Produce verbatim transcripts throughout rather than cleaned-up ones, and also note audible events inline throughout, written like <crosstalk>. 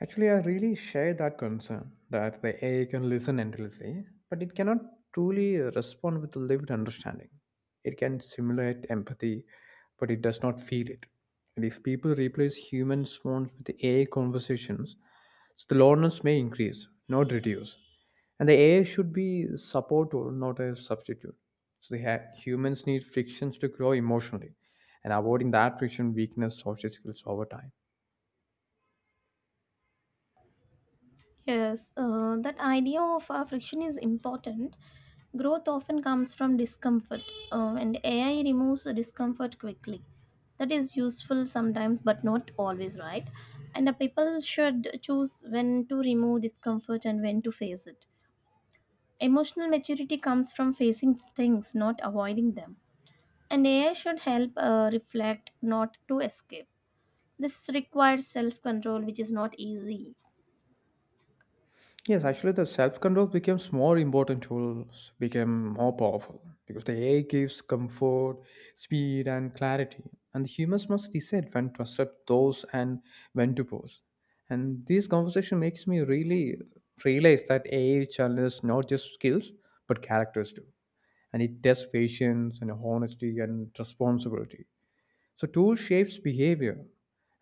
Actually, I really share that concern that the A I can listen endlessly, but it cannot truly respond with lived understanding. It can simulate empathy, but it does not feel it. And if people replace human response with A I conversations, so the loneliness may increase, not reduce. And the A I should be support or not a substitute. So the ha- humans need frictions to grow emotionally, and avoiding that friction weakens social skills over time. Yes, uh, that idea of uh, friction is important. Growth often comes from discomfort, uh, and A I removes the discomfort quickly. That is useful sometimes, but not always, right? And the people should choose when to remove discomfort and when to face it. Emotional maturity comes from facing things, not avoiding them. And A I should help uh, reflect, not to escape. This requires self control, which is not easy. Yes, actually, the self control becomes more important tools became more powerful because the A I gives comfort, speed, and clarity, and the humans must decide when to accept those and when to pause. And this conversation makes me really realize that A I challenges not just skills but characters too, and it tests patience and honesty and responsibility. So tool shapes behavior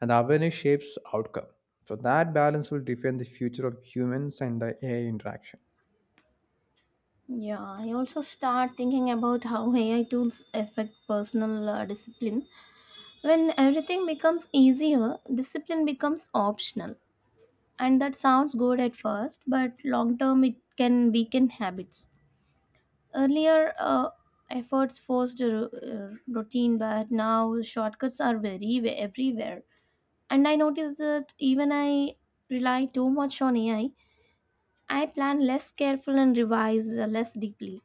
and awareness shapes outcome. So that balance will define the future of humans and the A I interaction. Yeah, I also start thinking about how <laughs> A I tools affect personal uh, discipline. When everything becomes easier, discipline becomes optional. And that sounds good at first, but long term it can weaken habits. Earlier, uh, efforts forced a ru- uh, routine, but now shortcuts are very wa- everywhere. And I notice that even I rely too much on A I, I I plan less careful and revise uh, less deeply.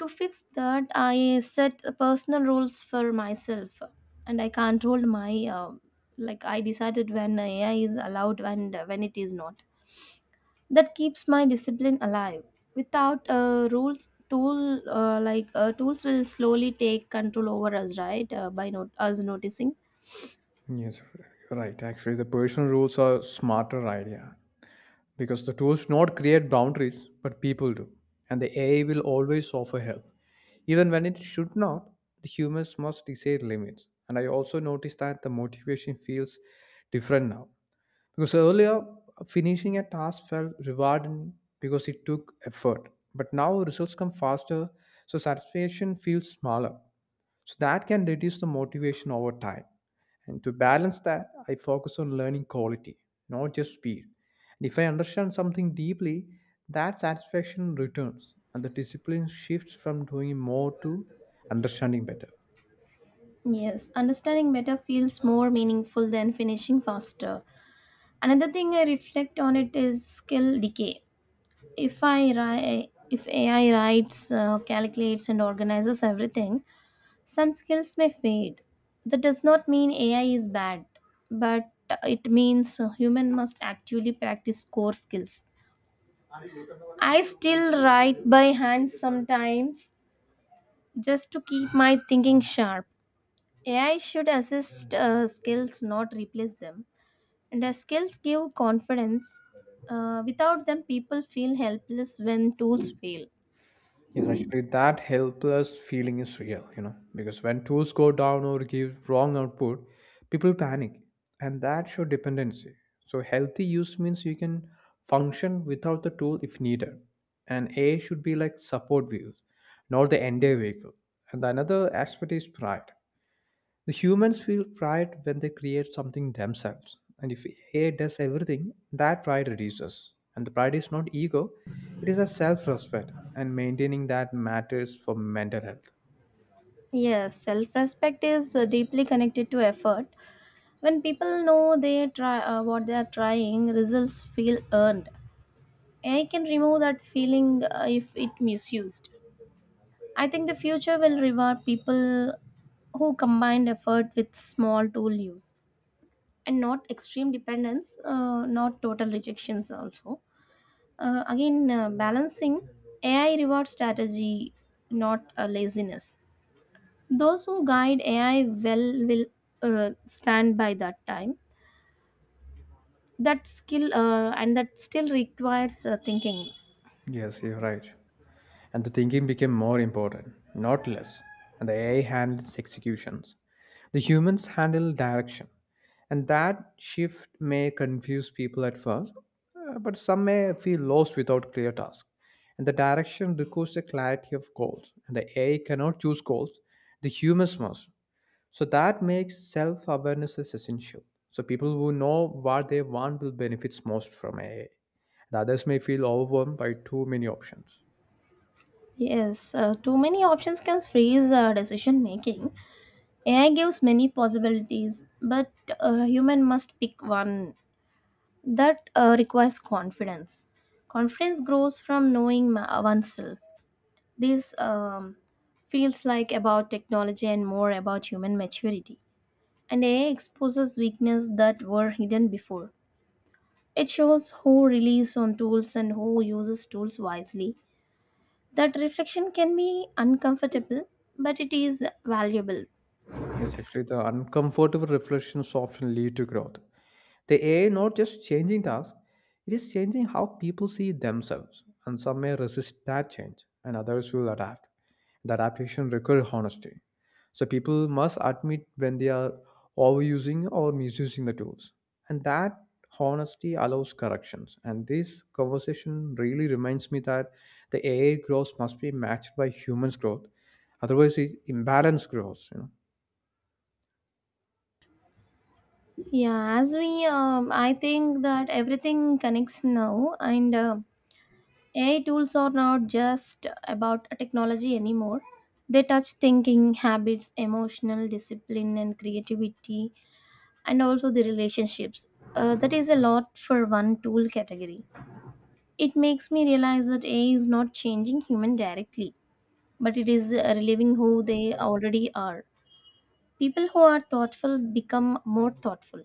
To fix that, I set personal rules for myself, and I controlled my uh, like I decided when A I is allowed and when it is not. That keeps my discipline alive. Without uh, rules, tool uh, like uh, tools will slowly take control over us, right? Uh, by not us noticing. Yes, you're right. Actually, the personal rules are smarter idea because the tools not create boundaries, but people do. And the A I will always offer help. Even when it should not, the humans must decide limits. And I also noticed that the motivation feels different now. Because earlier, finishing a task felt rewarding because it took effort. But now results come faster, so satisfaction feels smaller. So that can reduce the motivation over time. And to balance that, I focus on learning quality, not just speed. And if I understand something deeply, that satisfaction returns and the discipline shifts from doing more to understanding better. Yes, understanding better feels more meaningful than finishing faster. Another thing I reflect on it is skill decay. If I ri- If A I writes, uh, calculates, and organizes everything, some skills may fade. That does not mean A I is bad, but it means a human must actually practice core skills. I still write by hand sometimes just to keep my thinking sharp. A I should assist uh, skills, not replace them. And as skills give confidence, uh, without them, people feel helpless when tools fail. Yes, actually, that helpless feeling is real, you know, because when tools go down or give wrong output, people panic, and that show dependency. So, healthy use means you can function without the tool if needed, and A should be like support views, not the entire vehicle. And the another aspect is pride. The humans feel pride when they create something themselves. And if A I does everything, that pride reduces. And the pride is not ego, it is a self respect. And maintaining that matters for mental health. Yes, self respect is uh, deeply connected to effort. When people know they try uh, what they are trying, results feel earned. A I can remove that feeling uh, if it misused. I think the future will reward people who combined effort with small tool use and not extreme dependence, uh, not total rejections also. Uh, again, uh, balancing A I reward strategy, not uh, laziness. Those who guide A I well will uh, stand by that time. That skill uh, and that still requires uh, thinking. Yes, you're right. And the thinking became more important, not less. And the A I handles executions. The humans handle direction. And that shift may confuse people at first, uh, but some may feel lost without clear tasks. And the direction requires a clarity of goals. And the A I cannot choose goals, the humans must. So that makes self awareness is essential. So people who know what they want will benefit most from A I. The others may feel overwhelmed by too many options. Yes, uh, too many options can freeze uh, decision making. A I gives many possibilities, but a human must pick one. That uh, requires confidence. Confidence grows from knowing ma- oneself. This um, feels like about technology and more about human maturity. And A I exposes weaknesses that were hidden before. It shows who relies on tools and who uses tools wisely. That reflection can be uncomfortable, but it is valuable. Yes, actually, the uncomfortable reflections often lead to growth. The A I not just changing tasks, it is changing how people see themselves, and some may resist that change, and others will adapt. The adaptation requires honesty. So people must admit when they are overusing or misusing the tools, and that honesty allows corrections. And this conversation really reminds me that the A I growth must be matched by humans' growth, otherwise, it imbalance grows, you know. Yeah, as we, um, I think that everything connects now, and um A I tools are not just about technology anymore. They touch thinking, habits, emotional discipline, and creativity, and also the relationships. Uh, that is a lot for one tool category. It makes me realize that A I is not changing human directly, but it is uh, reliving who they already are. People who are thoughtful become more thoughtful.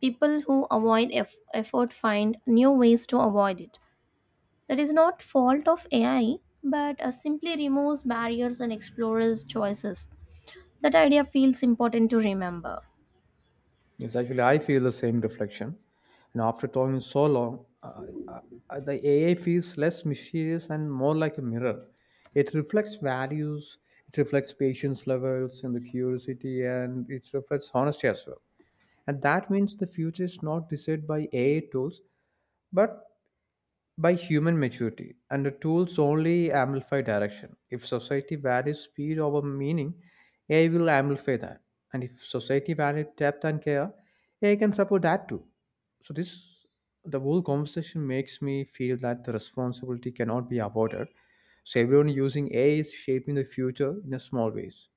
People who avoid eff- effort find new ways to avoid it. That is not fault of A I, but uh, simply removes barriers and explores choices. That idea feels important to remember. Yes, actually, I feel the same reflection. And after talking so long, uh, uh, uh, the A I feels less mysterious and more like a mirror. It reflects values, it reflects patience levels and the curiosity, and it reflects honesty as well. And that means the future is not decided by A I tools, but by human maturity, and the tools only amplify direction. If society values speed over meaning, A I will amplify that. And if society values depth and care, A I can support that too. So this the whole conversation makes me feel that the responsibility cannot be avoided. So everyone using A I is shaping the future in a small ways.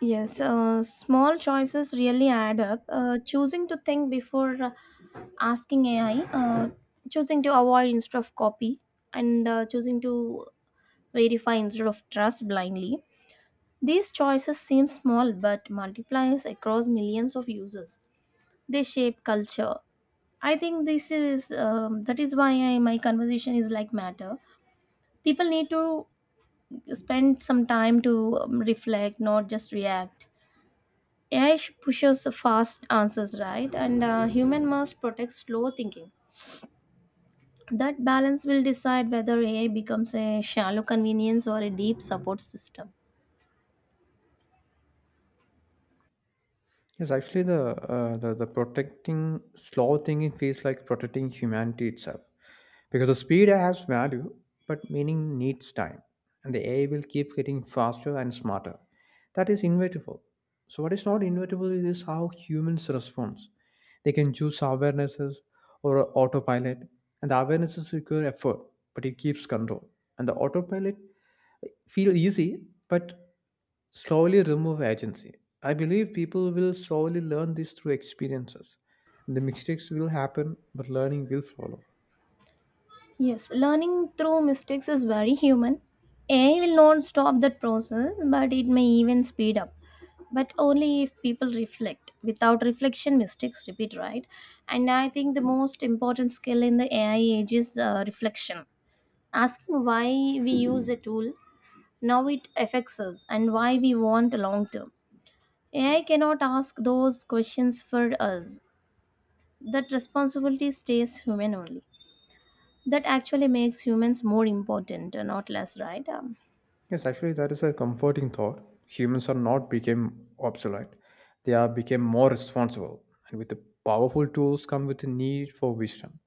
Yes, uh, small choices really add up. Uh, choosing to think before uh, asking A I, uh, choosing to avoid instead of copy, and uh, choosing to verify instead of trust blindly. These choices seem small but multiplies across millions of users. They shape culture. I think this is um, that is why I, my conversation is like matter. People need to spend some time to um, reflect, not just react. A I sh- pushes fast answers, right? And uh, human must protect slow thinking. That balance will decide whether A I becomes a shallow convenience or a deep support system. Yes, actually, the uh, the the protecting slow thinking feels like protecting humanity itself, because the speed has value, but meaning needs time, and the A I will keep getting faster and smarter. That is inevitable. So, what is not inevitable is how humans respond. They can choose awarenesses or autopilot, and the awarenesses require effort, but it keeps control, and the autopilot feel easy, but slowly remove agency. I believe people will slowly learn this through experiences. The mistakes will happen, but learning will follow. Yes, learning through mistakes is very human. A I will not stop that process, but it may even speed up. But only if people reflect. Without reflection, mistakes repeat, right? And I think the most important skill in the A I age is uh, reflection. Asking why we use a tool now it affects us and why we want long term. A I cannot ask those questions for us. That responsibility stays human only. That actually makes humans more important, uh, not less, right? Um, Yes, actually, that is a comforting thought. Humans are not became obsolete; they are became more responsible. And with the powerful tools come with the need for wisdom.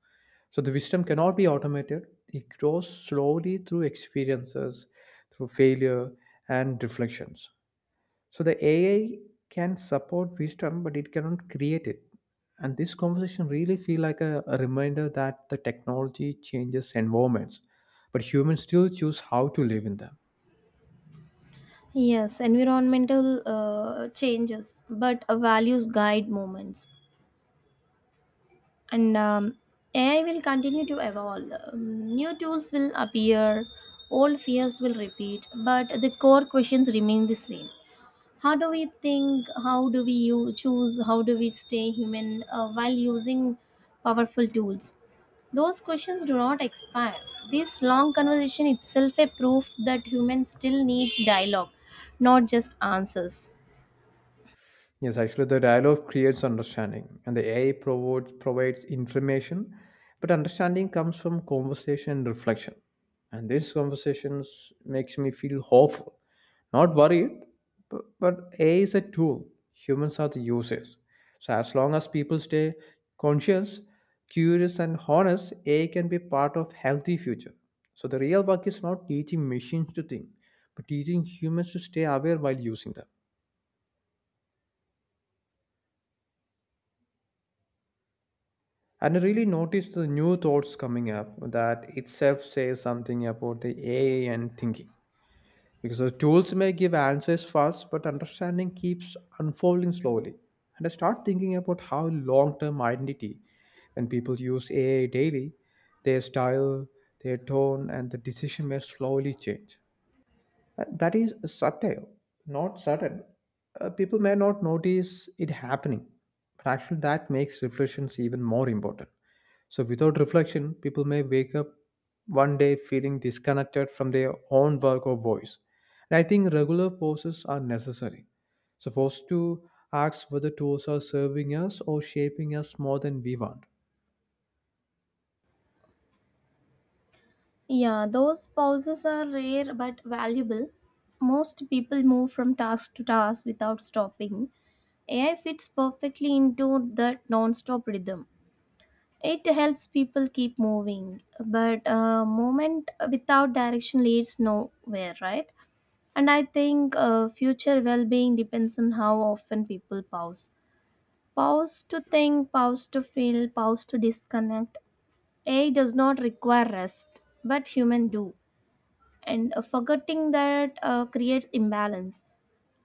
So the wisdom cannot be automated. It grows slowly through experiences, through failure and reflections. So the A I can support wisdom, but it cannot create it. And this conversation really feel like a, a reminder that the technology changes environments, but humans still choose how to live in them. yes, environmental uh, changes, but uh, values guide moments. And um, A I will continue to evolve. Um, new tools will appear, old fears will repeat, but the core questions remain the same. How do we think? How do we you choose? How do we stay human uh, while using powerful tools? Those questions do not expire. This long conversation itself a proof that humans still need dialogue, not just answers. Yes, actually, the dialogue creates understanding, and the A I provides, provides information, but understanding comes from conversation and reflection. And these conversations makes me feel hopeful, not worried. But, but A I is a tool; humans are the users. So as long as people stay conscious, curious, and honest, A I can be part of healthy future. So the real work is not teaching machines to think, but teaching humans to stay aware while using them. And I really noticed the new thoughts coming up that itself says something about the A I and thinking. Because the tools may give answers fast, but understanding keeps unfolding slowly. And I start thinking about how long term identity, when people use A I daily, their style, their tone, and the decision may slowly change. And that is subtle, not sudden. Uh, people may not notice it happening, but actually, that makes reflections even more important. So, without reflection, people may wake up one day feeling disconnected from their own work or voice. And I think regular pauses are necessary. So, pause to ask whether tools are serving us or shaping us more than we want. Yeah, those pauses are rare but valuable. Most people move from task to task without stopping. AI fits perfectly into that non-stop rhythm. It helps people keep moving, but uh, movement without direction leads nowhere, right? And I think uh, future well being depends on how often people pause. Pause to think, pause to feel, pause to disconnect. A I does not require rest, but human do. And uh, forgetting that uh, creates imbalance.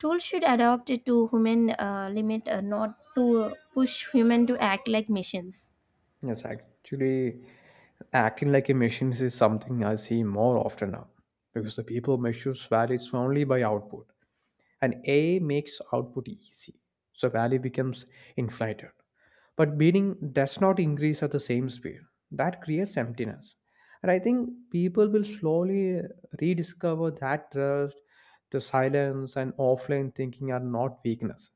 Tools should adapt it to human uh, limit, uh, not to push human to act like machines. Yes, actually, acting like a machine is something I see more often now because the people measure values only by output. And A I makes output easy, so value becomes inflated. But meaning does not increase at the same speed. That creates emptiness. And I think people will slowly rediscover that trust, the silence, and offline thinking are not weakness.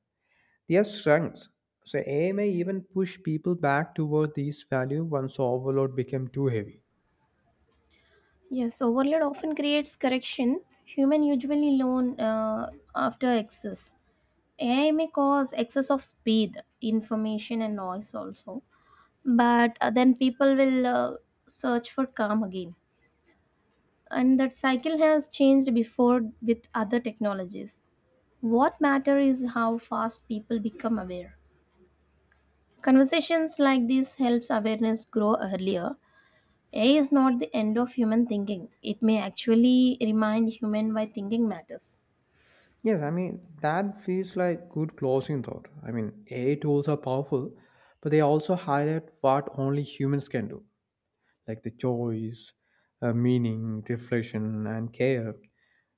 They are strengths. So A I may even push people back toward these values once overload became too heavy. Yes, overload often creates correction. Human usually learn uh, after excess. A I may cause excess of speed, information, and noise also. But uh, then people will uh, search for calm again. And that cycle has changed before with other technologies. What matter is how fast people become aware. Conversations like this helps awareness grow earlier. A I is not the end of human thinking. It may actually remind human why thinking matters. Yes, I mean, that feels like good closing thought. I mean, A I tools are powerful, but they also highlight what only humans can do, like the choice, uh, meaning, reflection, and care.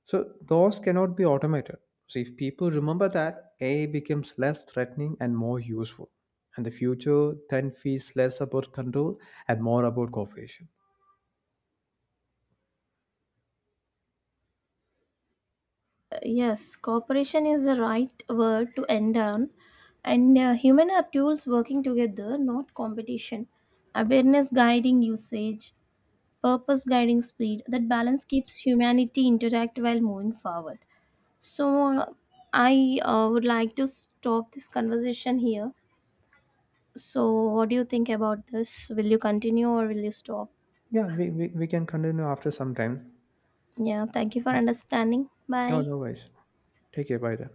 So, those cannot be automated. So, if people remember that, A I becomes less threatening and more useful. And the future then feels less about control and more about cooperation. Uh, Yes, cooperation is the right word to end on. And uh, human are tools working together, not competition. Awareness guiding usage, purpose guiding speed. That balance keeps humanity intact while moving forward. So, uh, I uh, would like to stop this conversation here. So, what do you think about this? Will you continue or will you stop? Yeah, we, we, we can continue after some time. Yeah, thank you for Yeah. understanding. No, Bye. no worries. Take care. Bye then.